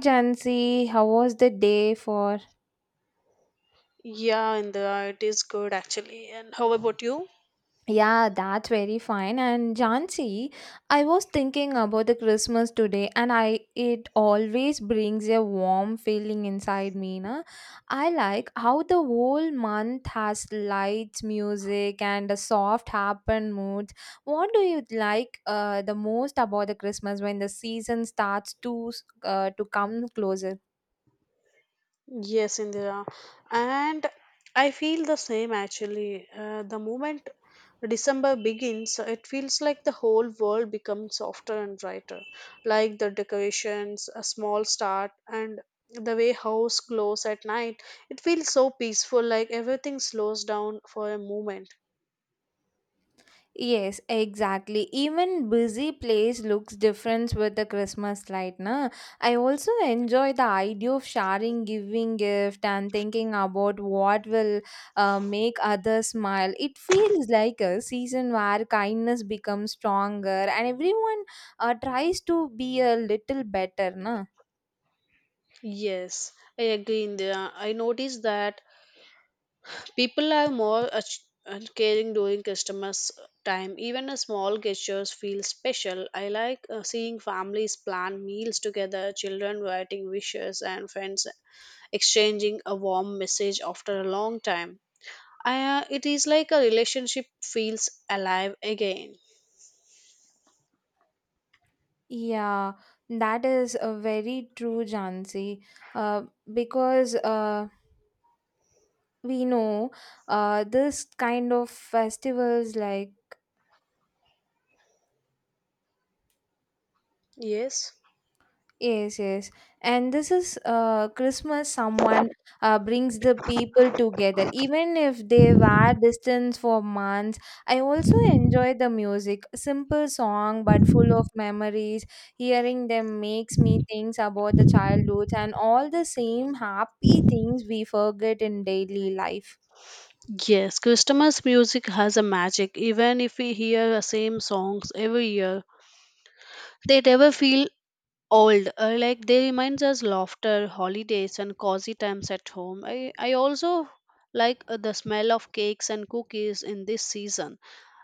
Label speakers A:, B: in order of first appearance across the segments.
A: Jansi, how was the day for?
B: Yeah, Indira, it is good actually. And how about you?
A: Yeah, that's very fine. And Jansi, I was thinking about the Christmas today, and I it always brings a warm feeling inside me. Na? I like how the whole month has lights, music, and a soft, happy mood. What do you like the most about the Christmas when the season starts to come closer?
B: Yes, Indira. And I feel the same actually. The moment December begins, it feels like the whole world becomes softer and brighter. Like the decorations, a small start, and the way house glows at night. It feels so peaceful, like everything slows down for a moment.
A: Yes, exactly. Even busy place looks different with the Christmas light, na? I also enjoy the idea of sharing, giving gift, and thinking about what will make others smile. It feels like a season where kindness becomes stronger, and everyone tries to be a little better, na?
B: Yes, I agree, Indira. I noticed that people are more and caring during customers' time. Even a small gestures feel special. I like seeing families plan meals together, children writing wishes, and friends exchanging a warm message after a long time. It is like a relationship feels alive again.
A: Yeah, that is a very true, Jansi. Uh, because we know this kind of festivals like
B: Yes.
A: yes. And this is, Christmas someone, brings the people together even if they were distant for months. I also enjoy the music, simple song but full of memories. Hearing them makes me think about the childhood and all the same happy things we forget in daily life.
B: Yes, Christmas music has a magic. Even if we hear the same songs every year, they never feel old like they reminds us laughter holidays and cozy times at home I also like the smell of cakes and cookies in this season.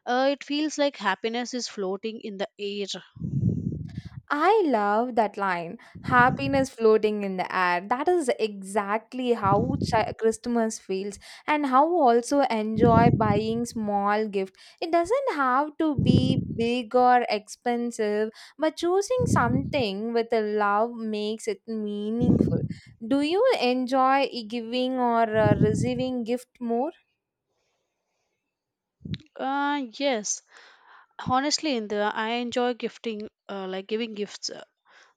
B: It feels like happiness is floating in the air.
A: I love that line, happiness floating in the air. That is exactly how Christmas feels, and how also enjoy buying small gift. It doesn't have to be big or expensive, but choosing something with a love makes it meaningful. Do you enjoy giving or receiving gift more?
B: Yes, honestly, in the I enjoy gifting, like giving gifts.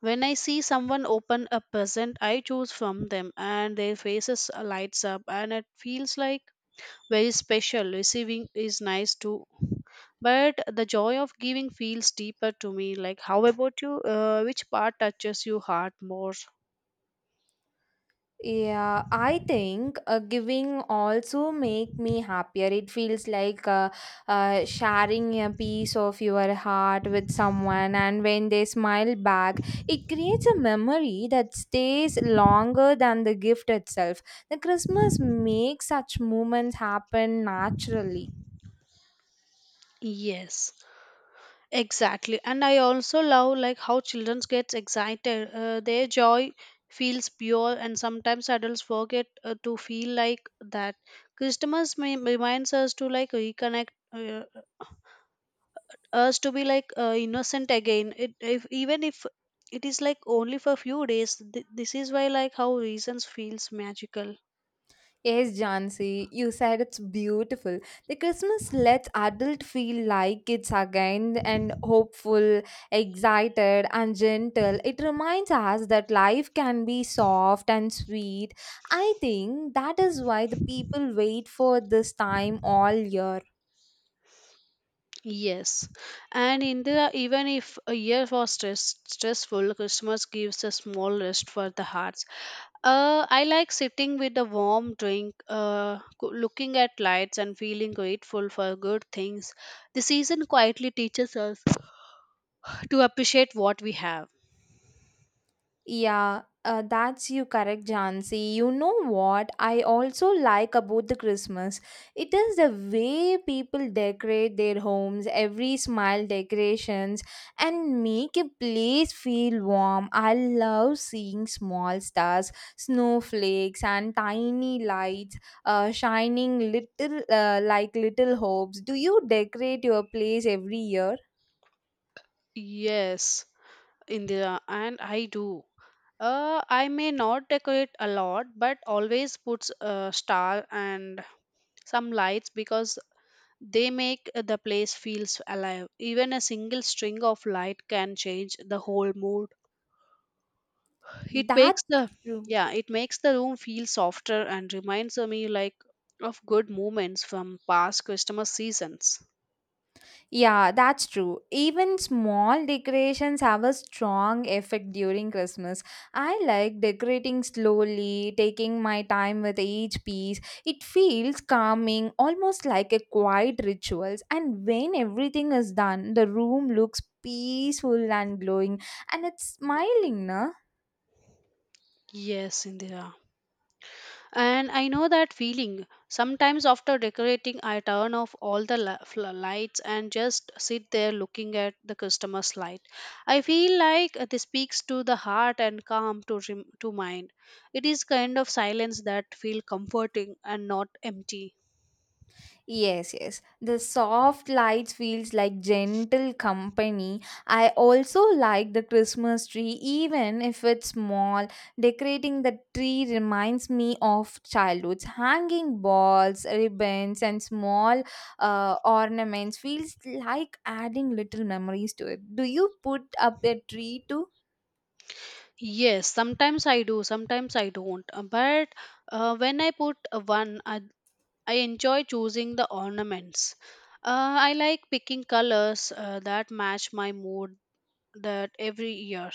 B: When I see someone open a present I choose from them and their faces lights up and it feels like very special. Receiving is nice too, but the joy of giving feels deeper to me. Like, how about you, which part touches your heart more?
A: Yeah, I think giving also make me happier. It feels like sharing a piece of your heart with someone, and when they smile back, it creates a memory that stays longer than the gift itself. The Christmas makes such moments happen naturally.
B: Yes, exactly. And I also love like how children gets excited. Their joy feels pure, and sometimes adults forget to feel like that. Christmas, may, reminds us to like reconnect, us to be like innocent again. It if Even if it is like only for few days. This is why like how reasons feels magical.
A: Yes, Jansi, you said it's beautiful. The Christmas lets adult feel like kids again and hopeful, excited, and gentle. It reminds us that life can be soft and sweet. I think that is why the people wait for this time all year.
B: Yes, and in the even if a year was stressful, Christmas gives a small rest for the hearts. I like sitting with a warm drink, looking at lights, and feeling grateful for good things. The season quietly teaches us to appreciate what we have.
A: Yeah, that's you correct, Jansi. You know what I also like about the Christmas? It is the way people decorate their homes, every smile decorations, and make a place feel warm. I love seeing small stars, snowflakes, and tiny lights shining little like little hopes. Do you decorate your place every year?
B: Yes, Indira, and I do. I may not decorate a lot, but always puts a star and some lights because they make the place feels alive. Even a single string of light can change the whole mood. It makes
A: That's
B: the
A: true.
B: Yeah, it makes the room feel softer and reminds me like of good moments from past Christmas seasons.
A: Yeah, that's true. Even small decorations have a strong effect during Christmas. I like decorating slowly, taking my time with each piece. It feels calming, almost like a quiet rituals. And when everything is done, the room looks peaceful and glowing and it's smiling, na?
B: Yes, Indira. And I know that feeling. Sometimes after decorating, I turn off all the lights and just sit there looking at the customer's light. I feel like this speaks to the heart and calm to mind. It is kind of silence that feel comforting and not empty.
A: Yes, yes. The soft lights feels like gentle company. I also like the Christmas tree even if it's small. Decorating the tree reminds me of childhood. Hanging balls, ribbons and small ornaments feels like adding little memories to it. Do you put up a tree too?
B: Yes, sometimes I do, sometimes I don't. But when I put a one, I enjoy choosing the ornaments. I like picking colors that match my mood that every year.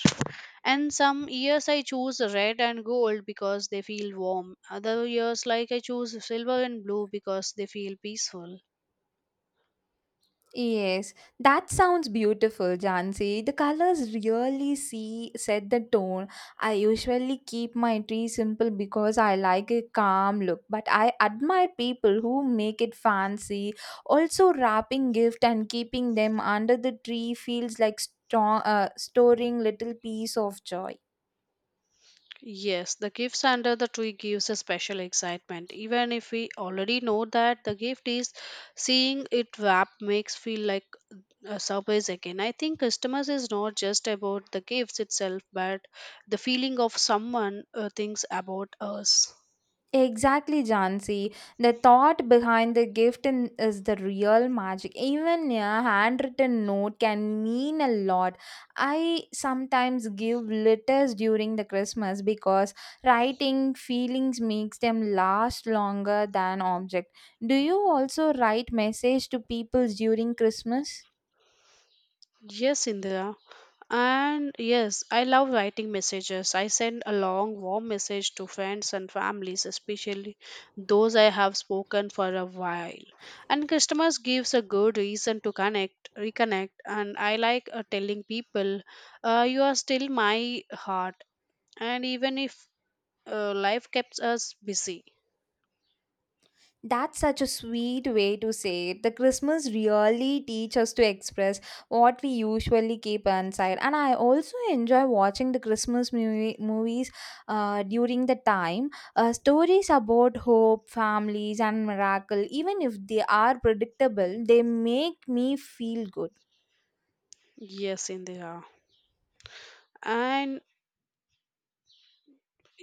B: And some years I choose red and gold because they feel warm. Other years, like, I choose silver and blue because they feel peaceful.
A: Yes, that sounds beautiful, Jansi. The colors really see set the tone. I usually keep my tree simple because I like a calm look, but I admire people who make it fancy. Also, wrapping gift and keeping them under the tree feels like strong, storing little piece of joy.
B: Yes, the gifts under the tree gives a special excitement. Even if we already know that the gift is, seeing it wrap makes feel like a surprise again. I think customers is not just about the gifts itself, but the feeling of someone thinks about us.
A: Exactly, Jansi. The thought behind the gift in, is the real magic. Even a handwritten note can mean a lot. I sometimes give letters during the Christmas because writing feelings makes them last longer than object. Do you also write message to people during Christmas?
B: Yes, Indira. And yes, I love writing messages. I send a long, warm message to friends and families, especially those I have spoken for a while. And customers gives a good reason to reconnect. And I like telling people, you are still my heart. And even if life keeps us busy.
A: That's such a sweet way to say it. The Christmas really teach us to express what we usually keep inside. And I also enjoy watching the Christmas movies during the time. Stories about hope, families, and miracle, even if they are predictable, they make me feel good.
B: Yes, Indira. And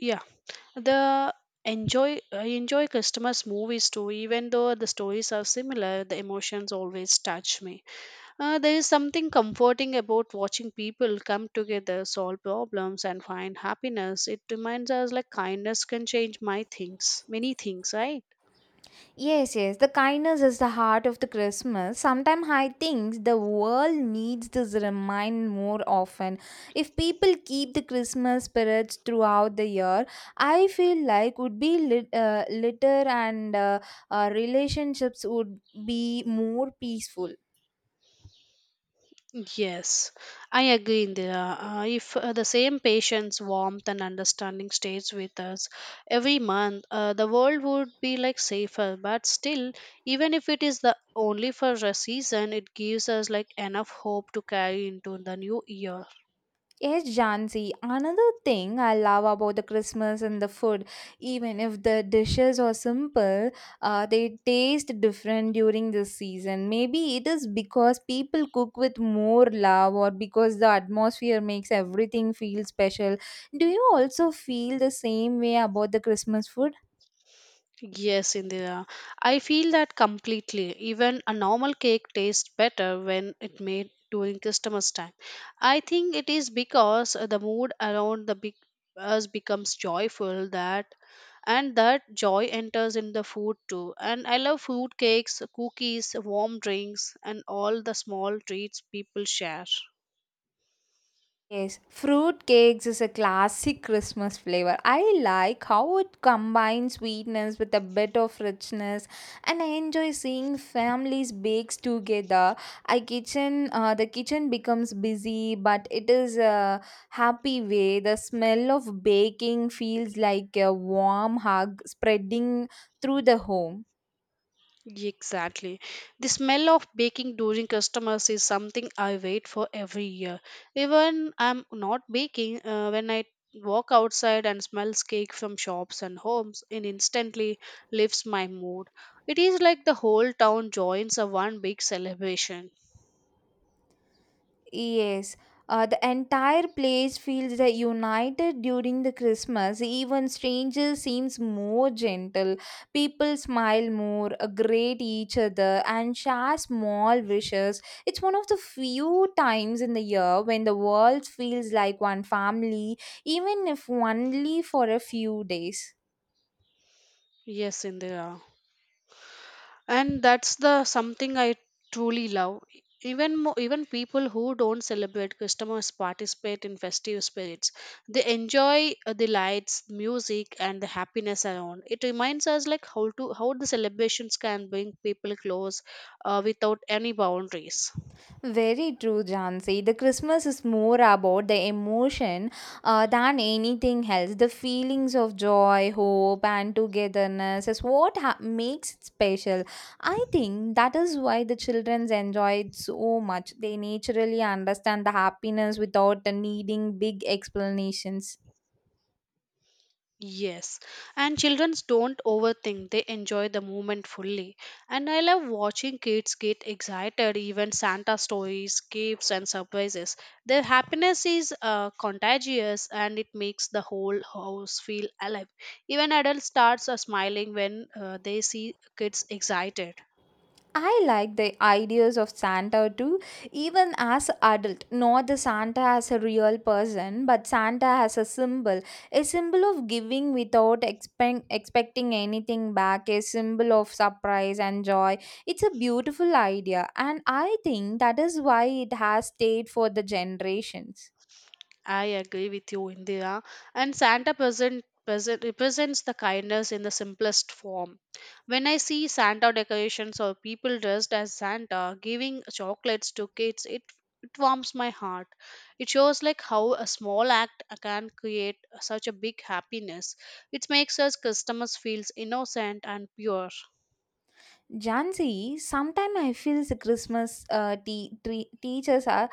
B: yeah. The enjoy I enjoy customers' movies too, even though the stories are similar, the emotions always touch me. There is something comforting about watching people come together, solve problems, and find happiness. It reminds us like kindness can change many things, right?
A: Yes, yes, the kindness is the heart of the Christmas. Sometimes I think the world needs this remind more often. If people keep the Christmas spirits throughout the year, I feel like would be litter and relationships would be more peaceful.
B: Yes, I agree, Indira. If the same patience, warmth, and understanding stays with us every month, the world would be like safer. But still, even if it is the only for a season, it gives us like enough hope to carry into the new year.
A: Yes, Jansi. Another thing I love about the Christmas and the food, even if the dishes are simple, they taste different during this season. Maybe it is because people cook with more love or because the atmosphere makes everything feel special. Do you also feel the same way about the Christmas food?
B: Yes, Indira. I feel that completely. Even a normal cake tastes better when it made during Christmas time. I think it is because the mood around the big us becomes joyful that and that joy enters in the food too. And I love food cakes, cookies, warm drinks, and all the small treats people share.
A: Yes, fruit cakes is a classic Christmas flavor. I like how it combines sweetness with a bit of richness, and I enjoy seeing families bakes together. The kitchen becomes busy, but it is a happy way. The smell of baking feels like a warm hug spreading through the home.
B: Exactly. The smell of baking during customers is something I wait for every year. Even I'm not baking, when I walk outside and smells cake from shops and homes, it instantly lifts my mood. It is like the whole town joins a one big celebration.
A: Yes, the entire place feels that united during the Christmas. Even strangers seems more gentle. People smile more, greet each other, and share small wishes. It's one of the few times in the year when the world feels like one family, even if only for a few days.
B: Yes, Indira. And that's the something I truly love. Even people who don't celebrate Christmas participate in festive spirits. They enjoy the lights, music, and the happiness around it. Reminds us like how the celebrations can bring people close, without any boundaries.
A: Very true, Jansi. The Christmas is more about the emotion than anything else. The feelings of joy, hope, and togetherness is what makes it special. I think that is why the children enjoy it so much. They naturally understand the happiness without needing big explanations.
B: Yes, and children don't overthink, they enjoy the moment fully. And I love watching kids get excited, even Santa stories, gifts, and surprises. Their happiness is contagious and it makes the whole house feel alive. Even adults starts smiling when they see kids excited.
A: I like the ideas of Santa too, even as adult. Not the Santa as a real person, but Santa as a symbol of giving without expecting anything back, a symbol of surprise and joy. It's a beautiful idea, and I think that is why it has stayed for the generations.
B: I agree with you, Indira. And Santa present represents the kindness in the simplest form. When I see Santa decorations or people dressed as Santa giving chocolates to kids, it warms my heart. It shows like how a small act can create such a big happiness. It makes us customers feels innocent and pure.
A: Jansi, sometimes I feel the Christmas teachers are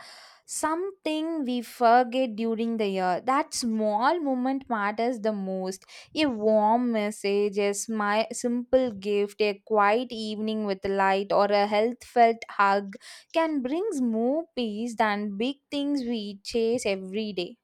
A: something we forget during the year. That small moment matters the most. A warm message, simple gift, a quiet evening with light, or a health felt hug can bring more peace than big things we chase every day.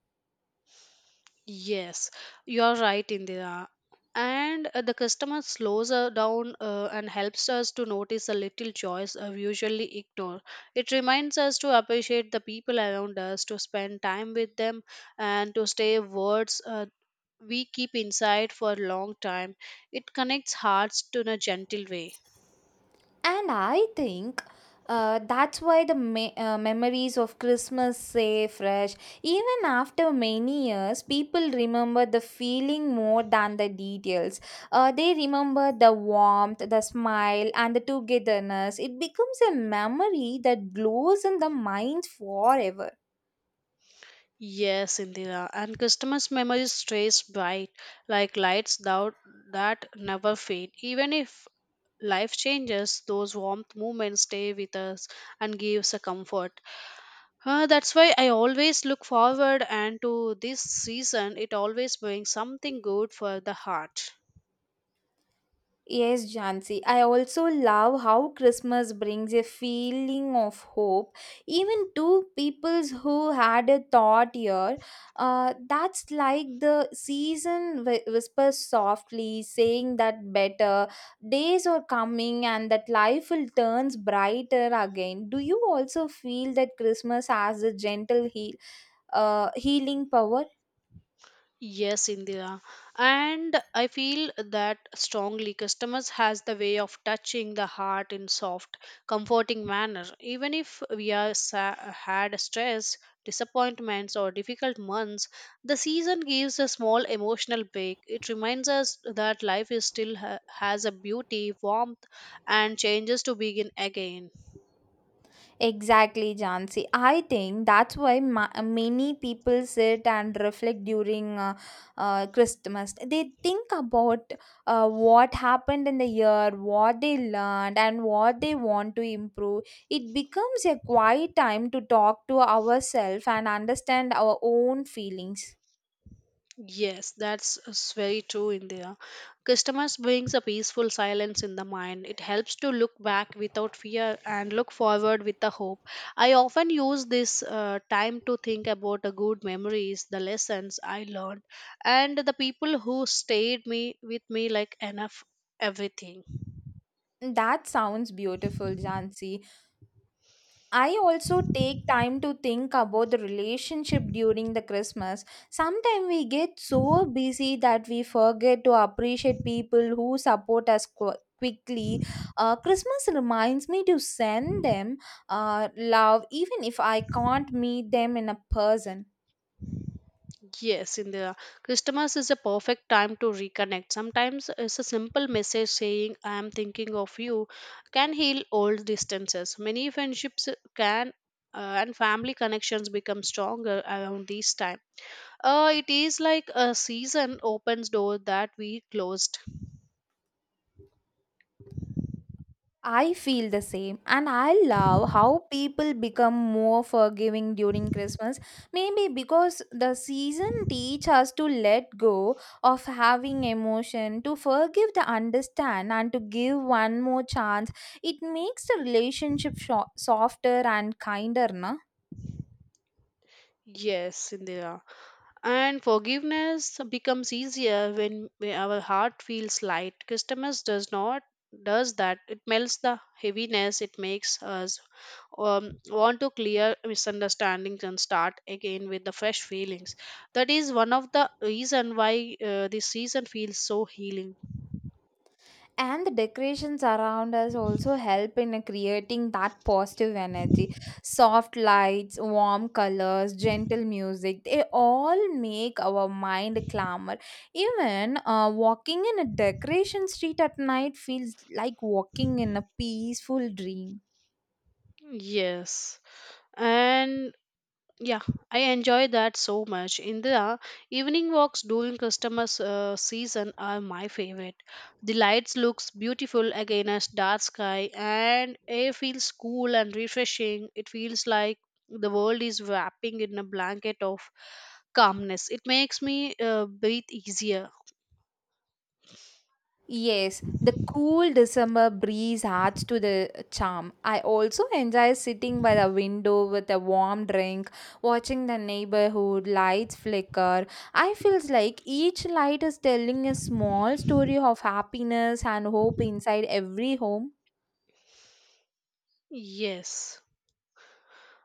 B: Yes, you are right, Indira. And the customer slows down and helps us to notice the little joys we usually ignore. It reminds us to appreciate the people around us, to spend time with them, and to stay words we keep inside for a long time. It connects hearts to in a gentle way.
A: And I think that's why the memories of Christmas stay fresh. Even after many years, people remember the feeling more than the details. They remember the warmth, the smile, and the togetherness. It becomes a memory that glows in the mind forever.
B: Yes, Indira, and customers' memory stays bright like lights that never fade. Even if life changes, those warmth moments stay with us and gives a comfort. That's why I always look forward and to this season. It always brings something good for the heart.
A: Yes, Jansi. I also love how Christmas brings a feeling of hope. Even two peoples who had a thought year, that's like the season whispers softly, saying that better days are coming and that life will turns brighter again. Do you also feel that Christmas has a gentle healing power?
B: Yes, Indira. And I feel that strongly. Customers has the way of touching the heart in soft, comforting manner. Even if we are had stress, disappointments, or difficult months, the season gives a small emotional break. It reminds us that life is still has a beauty, warmth, and changes to begin again.
A: Exactly, Jansi. I think that's why many people sit and reflect during Christmas. They think about what happened in the year, what they learned, and what they want to improve. It becomes a quiet time to talk to ourselves and understand our own feelings.
B: Yes, that's very true, India. Customers brings a peaceful silence in the mind. It helps to look back without fear and look forward with the hope. I often use this time to think about the good memories, the lessons I learned, and the people who stayed me with me like enough everything.
A: That sounds beautiful, Jansi. I also take time to think about the relationship during the Christmas. Sometimes we get so busy that we forget to appreciate people who support us quickly. Christmas reminds me to send them love, even if I can't meet them in a person.
B: Yes, in Christmas is a perfect time to reconnect. Sometimes it's a simple message saying I am thinking of you can heal old distances. Many friendships can and family connections become stronger around this time. It is like a season opens door that we closed.
A: I feel the same, and I love how people become more forgiving during Christmas. Maybe because the season teach us to let go of having emotion, to forgive, to understand, and to give one more chance. It makes the relationship softer and kinder, na.
B: Yes, Indira. And forgiveness becomes easier when our heart feels light. Customers does not does that. It melts the heaviness. It makes us want to clear misunderstandings and start again with the fresh feelings. That is one of the reason why this season feels so healing.
A: And the decorations around us also help in creating that positive energy. Soft lights, warm colors, gentle music, they all make our mind calmer. Even walking in a decoration street at night feels like walking in a peaceful dream.
B: Yes, and yeah, I enjoy that so much. In the evening walks during customer season are my favorite. The lights looks beautiful against dark sky and air feels cool and refreshing. It feels like the world is wrapping in a blanket of calmness. It makes me breathe easier.
A: Yes, the cool December breeze adds to the charm. I also enjoy sitting by the window with a warm drink, watching the neighborhood lights flicker. I feels like each light is telling a small story of happiness and hope inside every home.
B: Yes.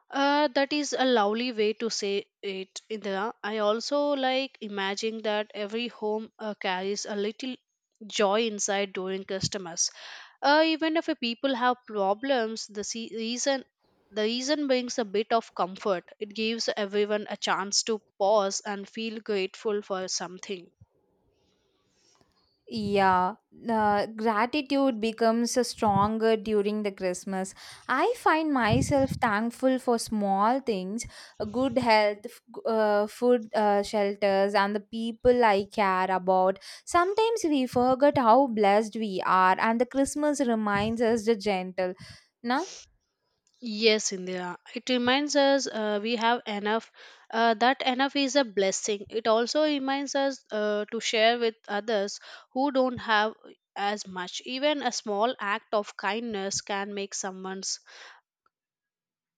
B: That is a lovely way to say it, Indira. I also like imagining that every home carries a little joy inside during customers. Even if people have problems, the reason brings a bit of comfort. It gives everyone a chance to pause and feel grateful for something.
A: Yeah, gratitude becomes stronger during the Christmas. I find myself thankful for small things, good health, food, shelters, and the people I care about. Sometimes we forget how blessed we are, and the Christmas reminds us the gentle. Na.
B: Yes, Indira. It reminds us we have enough. That enough is a blessing. It also reminds us to share with others who don't have as much. Even a small act of kindness can make someone's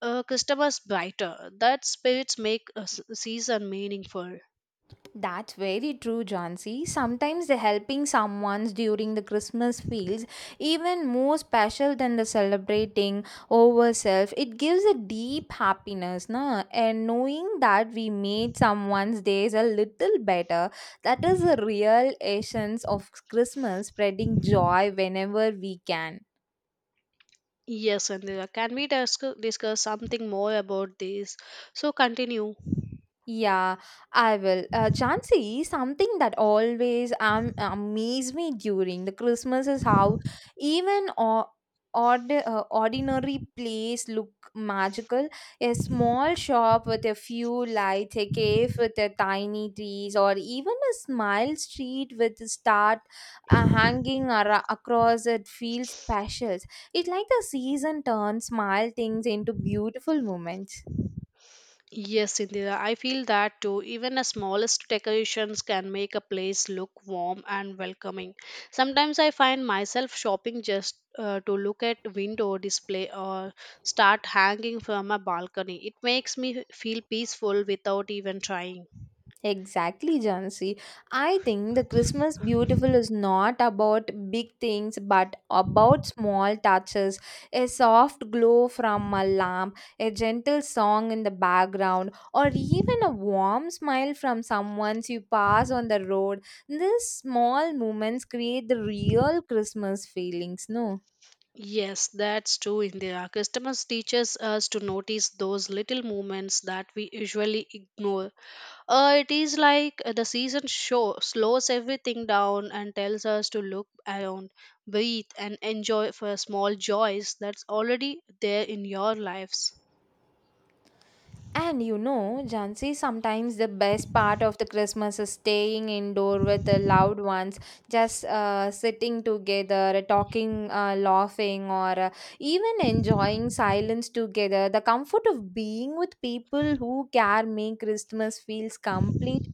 B: customers brighter. That spirits make a season meaningful.
A: That's very true, Jansi. Sometimes the helping someone's during the Christmas feels even more special than the celebrating over self. It gives a deep happiness, no? And knowing that we made someone's days a little better, that is the real essence of Christmas, spreading joy whenever we can.
B: Yes, Indira. Can we discuss something more about this? So continue.
A: Yeah, I will. Jansi, something that always amaze me during the Christmas is how even or ordinary place look magical. A small shop with a few lights, a cave with a tiny trees, or even a smile street with a star hanging across it feels special. It's like the season turns small things into beautiful moments.
B: Yes, Indira, I feel that too. Even the smallest decorations can make a place look warm and welcoming. Sometimes I find myself shopping just to look at window display or start hanging from a balcony. It makes me feel peaceful without even trying.
A: Exactly, Jansi. I think the Christmas Beautiful is not about big things but about small touches. A soft glow from a lamp, a gentle song in the background, or even a warm smile from someone you pass on the road. These small moments create the real Christmas feelings, no?
B: Yes, that's true, Indira. Customers teaches us to notice those little moments that we usually ignore. It is like the season show slows everything down and tells us to look around, breathe, and enjoy for small joys that's already there in your lives.
A: And you know, Jansi, sometimes the best part of the Christmas is staying indoor with the loved ones, just sitting together, talking, laughing, or even enjoying silence together. The comfort of being with people who care make Christmas feels complete.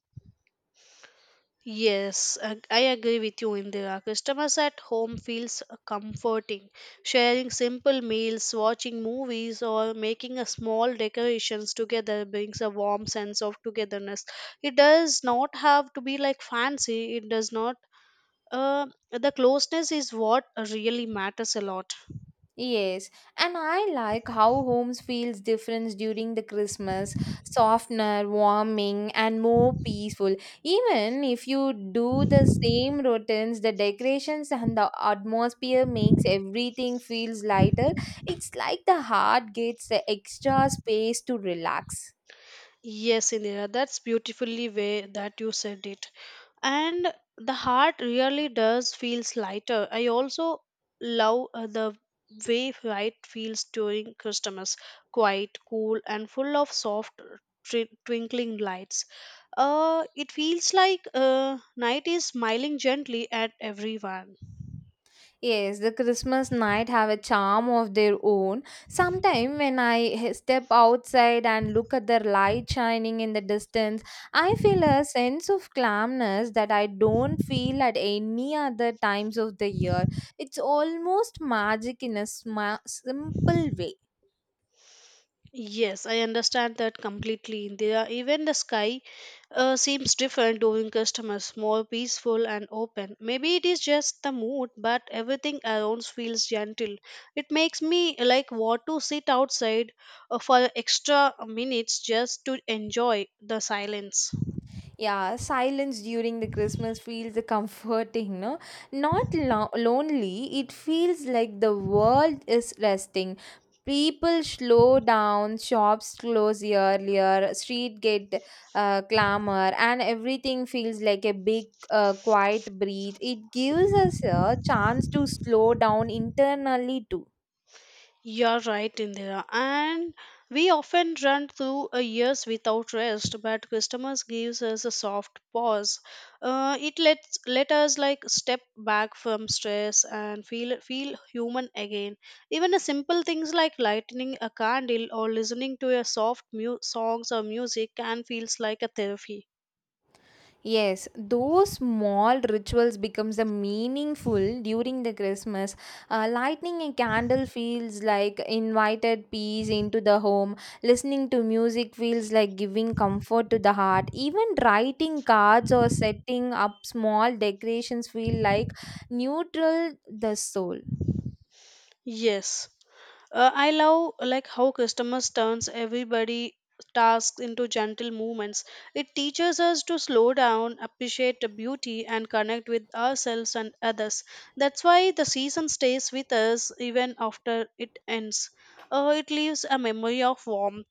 B: Yes, I agree with you, Indira. Customers at home feels comforting. Sharing simple meals, watching movies, or making a small decorations together brings a warm sense of togetherness. It does not have to be like fancy. It does not. The closeness is what really matters a lot.
A: Yes, and I like how homes feels different during the Christmas, softener, warming, and more peaceful. Even if you do the same routines, the decorations and the atmosphere makes everything feels lighter. It's like the heart gets the extra space to relax.
B: Yes, Indira, that's beautifully way that you said it. And the heart really does feels lighter. I also love the way right feels during Christmas, quiet, cool, and full of soft twinkling lights. It feels like night is smiling gently at everyone.
A: Yes, the Christmas night have a charm of their own. Sometime when step outside and look at the light shining in the distance, I feel a sense of calmness that I don't feel at any other times of the year. It's almost magic in a simple way.
B: Yes, I understand that completely, Indira. Even the sky seems different doing customers more peaceful and open, maybe it is just the mood but everything around feels gentle. It makes me like want to sit outside for extra minutes just to enjoy the silence.
A: Yeah, silence during the Christmas feels comforting, no? Not lonely, it feels like the world is resting. People slow down, shops close earlier, street get clamor, and everything feels like a big, quiet breathe. It gives us a chance to slow down internally too.
B: You're right, Indira. And we often run through a years without rest, but customers gives us a soft pause. It let us like step back from stress and feel human again. Even a simple things like lighting a candle or listening to a soft songs or music can feels like a therapy.
A: Yes, those small rituals becomes a meaningful during the Christmas. Lighting a candle feels like invited peace into the home. Listening to music feels like giving comfort to the heart. Even writing cards or setting up small decorations feel like neutral the soul.
B: Yes. I love like how customers turns everybody tasks into gentle movements. It teaches us to slow down, appreciate the beauty, and connect with ourselves and others. That's why the season stays with us even after it ends. It leaves a memory of warmth.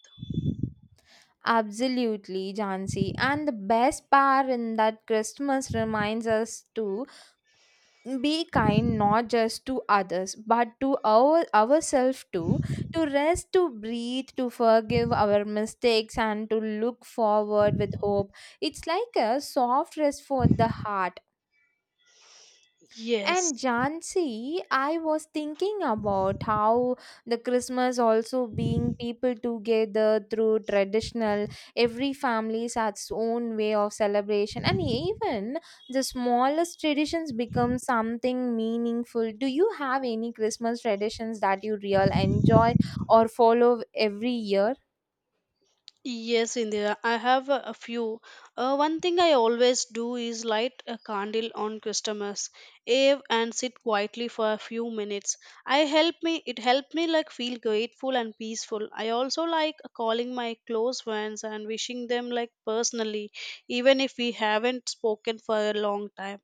A: Absolutely, Jansi. And the best part in that Christmas reminds us too be kind, not just to others but to our ourselves too, to rest, to breathe, to forgive our mistakes, and to look forward with hope. It's like a soft rest for the heart.
B: Yes.
A: And Jansi, I was thinking about how the Christmas also being people together through traditional, every family has its own way of celebration, and even the smallest traditions become something meaningful. Do you have any Christmas traditions that you real enjoy or follow every year?
B: Yes, Indira, I have a few. One thing I always do is light a candle on customers, Ave, and sit quietly for a few minutes. I help me. It helped me like feel grateful and peaceful. I also like calling my close friends and wishing them like personally, even if we haven't spoken for a long time.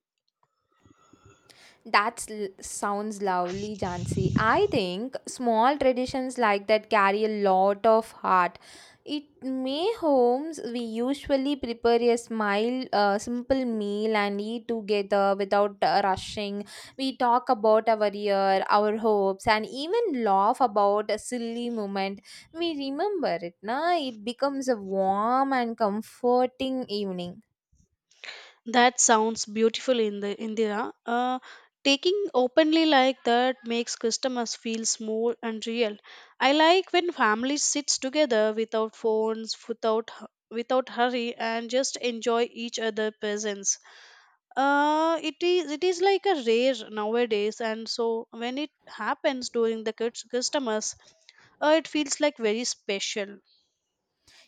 A: That sounds lovely, Jansi. I think small traditions like that carry a lot of heart. It May homes, we usually prepare a smile, simple meal and eat together without rushing. We talk about our year, our hopes, and even laugh about a silly moment. We remember it, na? It becomes a warm and comforting evening.
B: That sounds beautiful in the Indira. Taking openly like that makes customers feel small and real. I like when family sits together without phones, without hurry, and just enjoy each other' presence. It is like a rare nowadays, and so when it happens during the customers, it feels like very special.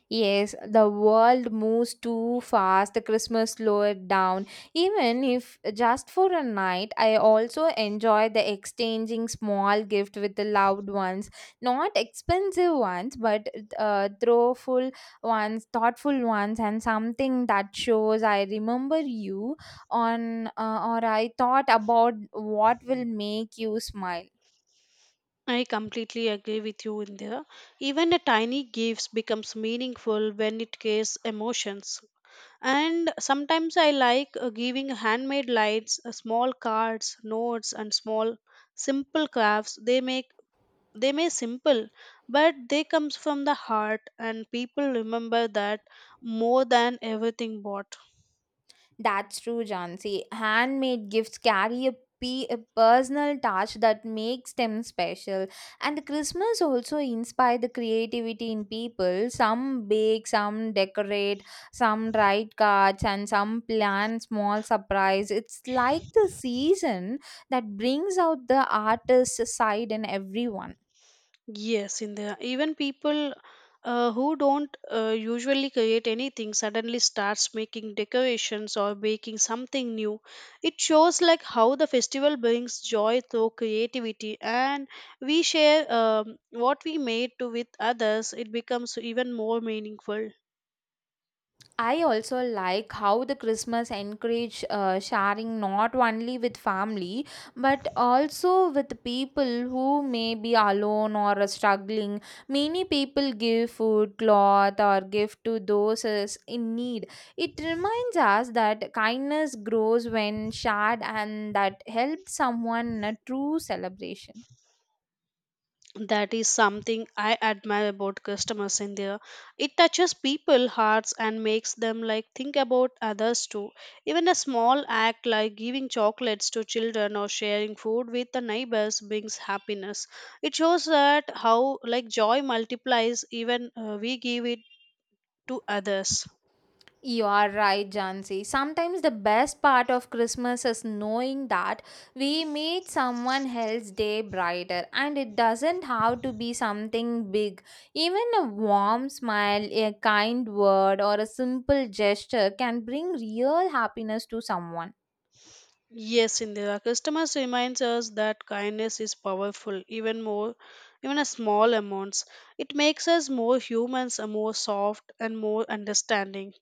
A: Yes, the world moves too fast, the Christmas slow it down. Even if just for a night, I also enjoy the exchanging small gift with the loved ones. Not expensive ones, but thoughtful ones, and something that shows I remember you on or I thought about what will make you smile.
B: I completely agree with you in there. Even a tiny gift becomes meaningful when it carries emotions. And sometimes I like giving handmade lights, small cards, notes, and small simple crafts. They may simple, but they comes from the heart, and people remember that more than everything bought.
A: That's true, Jansi. Handmade gifts carry a personal touch that makes them special. And Christmas also inspires the creativity in people. Some bake, some decorate, some write cards, and some plan small surprise. It's like the season that brings out the artist side in everyone.
B: Yes, in the even people who don't usually create anything suddenly starts making decorations or baking something new. It shows like how the festival brings joy through creativity, and we share what we made to with others. It becomes even more meaningful.
A: I also like how the Christmas encourage sharing not only with family but also with people who may be alone or are struggling. Many people give food, cloth, or gift to those is in need. It reminds us that kindness grows when shared and that helps someone in a true celebration.
B: That is something I admire about customers in there. It touches people hearts and makes them like think about others too. Even a small act like giving chocolates to children or sharing food with the neighbors brings happiness. It shows that how like joy multiplies even we give it to others.
A: You are right, Jansi. Sometimes the best part of Christmas is knowing that we made someone else's day brighter, and it doesn't have to be something big. Even a warm smile, a kind word, or a simple gesture can bring real happiness to someone.
B: Yes, Indira. Customers reminds us that kindness is powerful, even more, even a small amounts. It makes us more humans, more soft, and more understanding.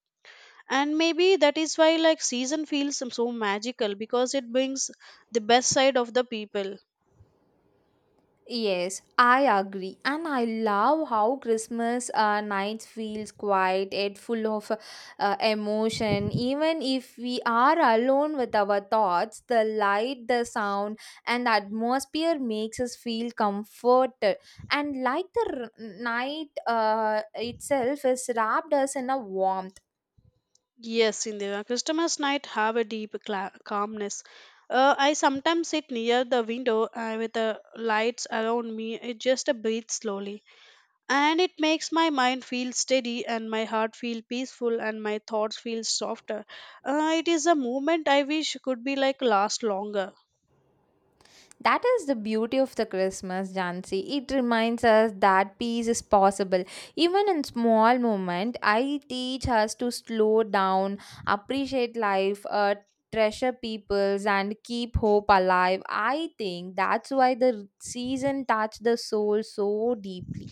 B: And maybe that is why, like, season feels so magical because it brings the best side of the people.
A: Yes, I agree, and I love how Christmas night feels quiet yet full of emotion. Even if we are alone with our thoughts, the light, the sound, and the atmosphere makes us feel comforted. And like the night itself is wrapped us in a warmth.
B: Yes, Indira. Christmas night have a deep calmness. I sometimes sit near the window with the lights around me. It Just breathe slowly. And it makes my mind feel steady and my heart feel peaceful and my thoughts feel softer. It is a movement I wish could be like last longer.
A: That is the beauty of the Christmas, Jansi. It reminds us that peace is possible. Even in small moment, I teach us to slow down, appreciate life, treasure peoples, and keep hope alive. I think that's why the season touched the soul so deeply.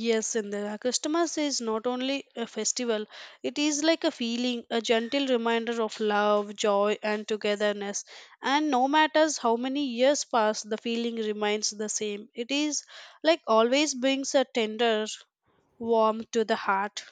B: Yes, and the customers is not only a festival, it is like a feeling, a gentle reminder of love, joy, and togetherness. And no matters how many years pass, the feeling remains the same. It is like always brings a tender warmth to the heart.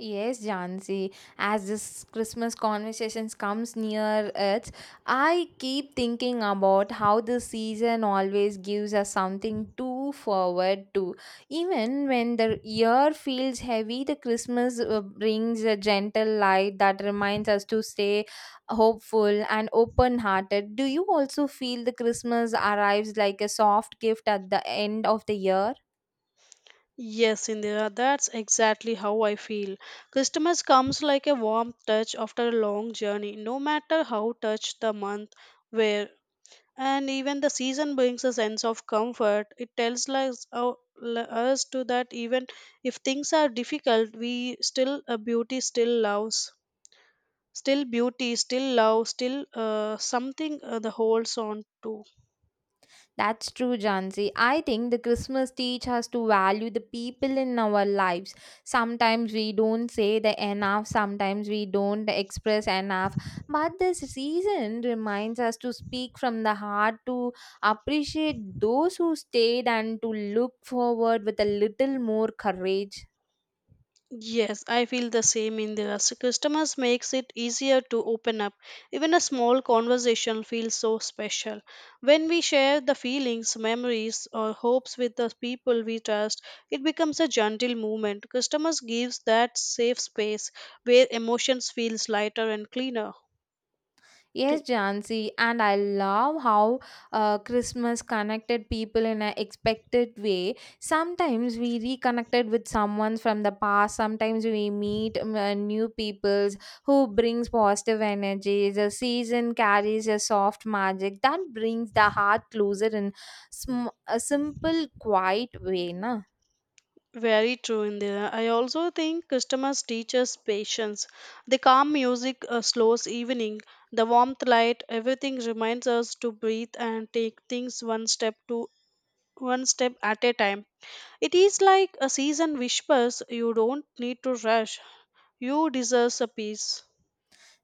A: Yes, Jansi. As this Christmas conversations comes near it, I keep thinking about how the season always gives us something to forward to. Even when the year feels heavy, the Christmas brings a gentle light that reminds us to stay hopeful and open-hearted. Do you also feel the Christmas arrives like a soft gift at the end of the year?
B: Yes, Indira, that's exactly how I feel. Customers comes like a warm touch after a long journey, no matter how touched the month where. And even the season brings a sense of comfort. It tells us, us to that even if things are difficult, we still a beauty still loves, still beauty still love, still something the holds on to.
A: That's true, Jansi. I think the Christmas teach us to value the people in our lives. Sometimes we don't say the enough, sometimes we don't express enough. But this season reminds us to speak from the heart, to appreciate those who stayed, and to look forward with a little more courage.
B: Yes, I feel the same in the us. Customers makes it easier to open up. Even a small conversation feels so special. When we share the feelings, memories or hopes with the people we trust, it becomes a gentle movement. Customers gives that safe space where emotions feels lighter and cleaner.
A: Yes, Jansi, and I love how Christmas connected people in an expected way. Sometimes we reconnected with someone from the past. Sometimes we meet new peoples who brings positive energy. The season carries a soft magic that brings the heart closer in a simple, quiet way, na.
B: Very true, Indira. I also think customers teach us patience. The calm music, a slow evening, the warmth light, everything reminds us to breathe and take things one step at a time. It is like a season whispers you don't need to rush. You deserve a peace.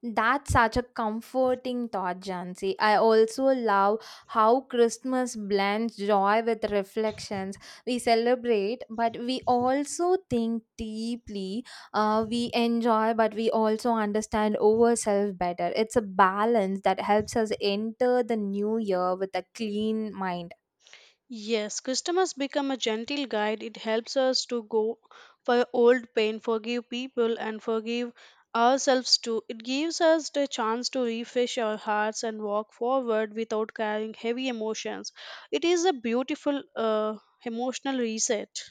A: That's such a comforting thought, Jansi. I also love how Christmas blends joy with reflections. We celebrate, but we also think deeply. We enjoy, but we also understand ourselves better. It's a balance that helps us enter the new year with a clean mind.
B: Yes, customers become a gentle guide. It helps us to go for old pain, forgive people, and forgive ourselves too. It gives us the chance to refresh our hearts and walk forward without carrying heavy emotions. It is a beautiful emotional reset.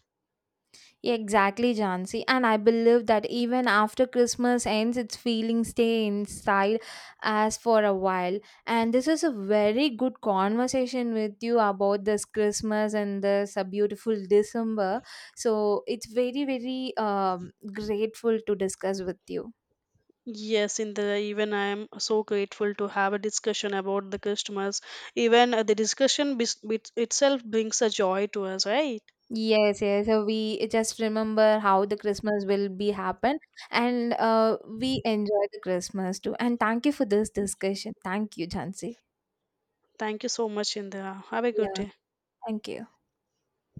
A: Exactly, Jansi. And I believe that even after Christmas ends, its feelings stay inside us for a while. And this is a very good conversation with you about this Christmas and this beautiful December. So it's very grateful to discuss with you.
B: Yes, in the even I am so grateful to have a discussion about the customers. Even the discussion bit itself brings a joy to us, right?
A: Yes, yes. So we just remember how the Christmas will be happen, and we enjoy the Christmas too. And thank you for this discussion. Thank you, Jansi.
B: Thank you so much, Indra. Have a good
A: Yeah,
B: day.
A: thank you.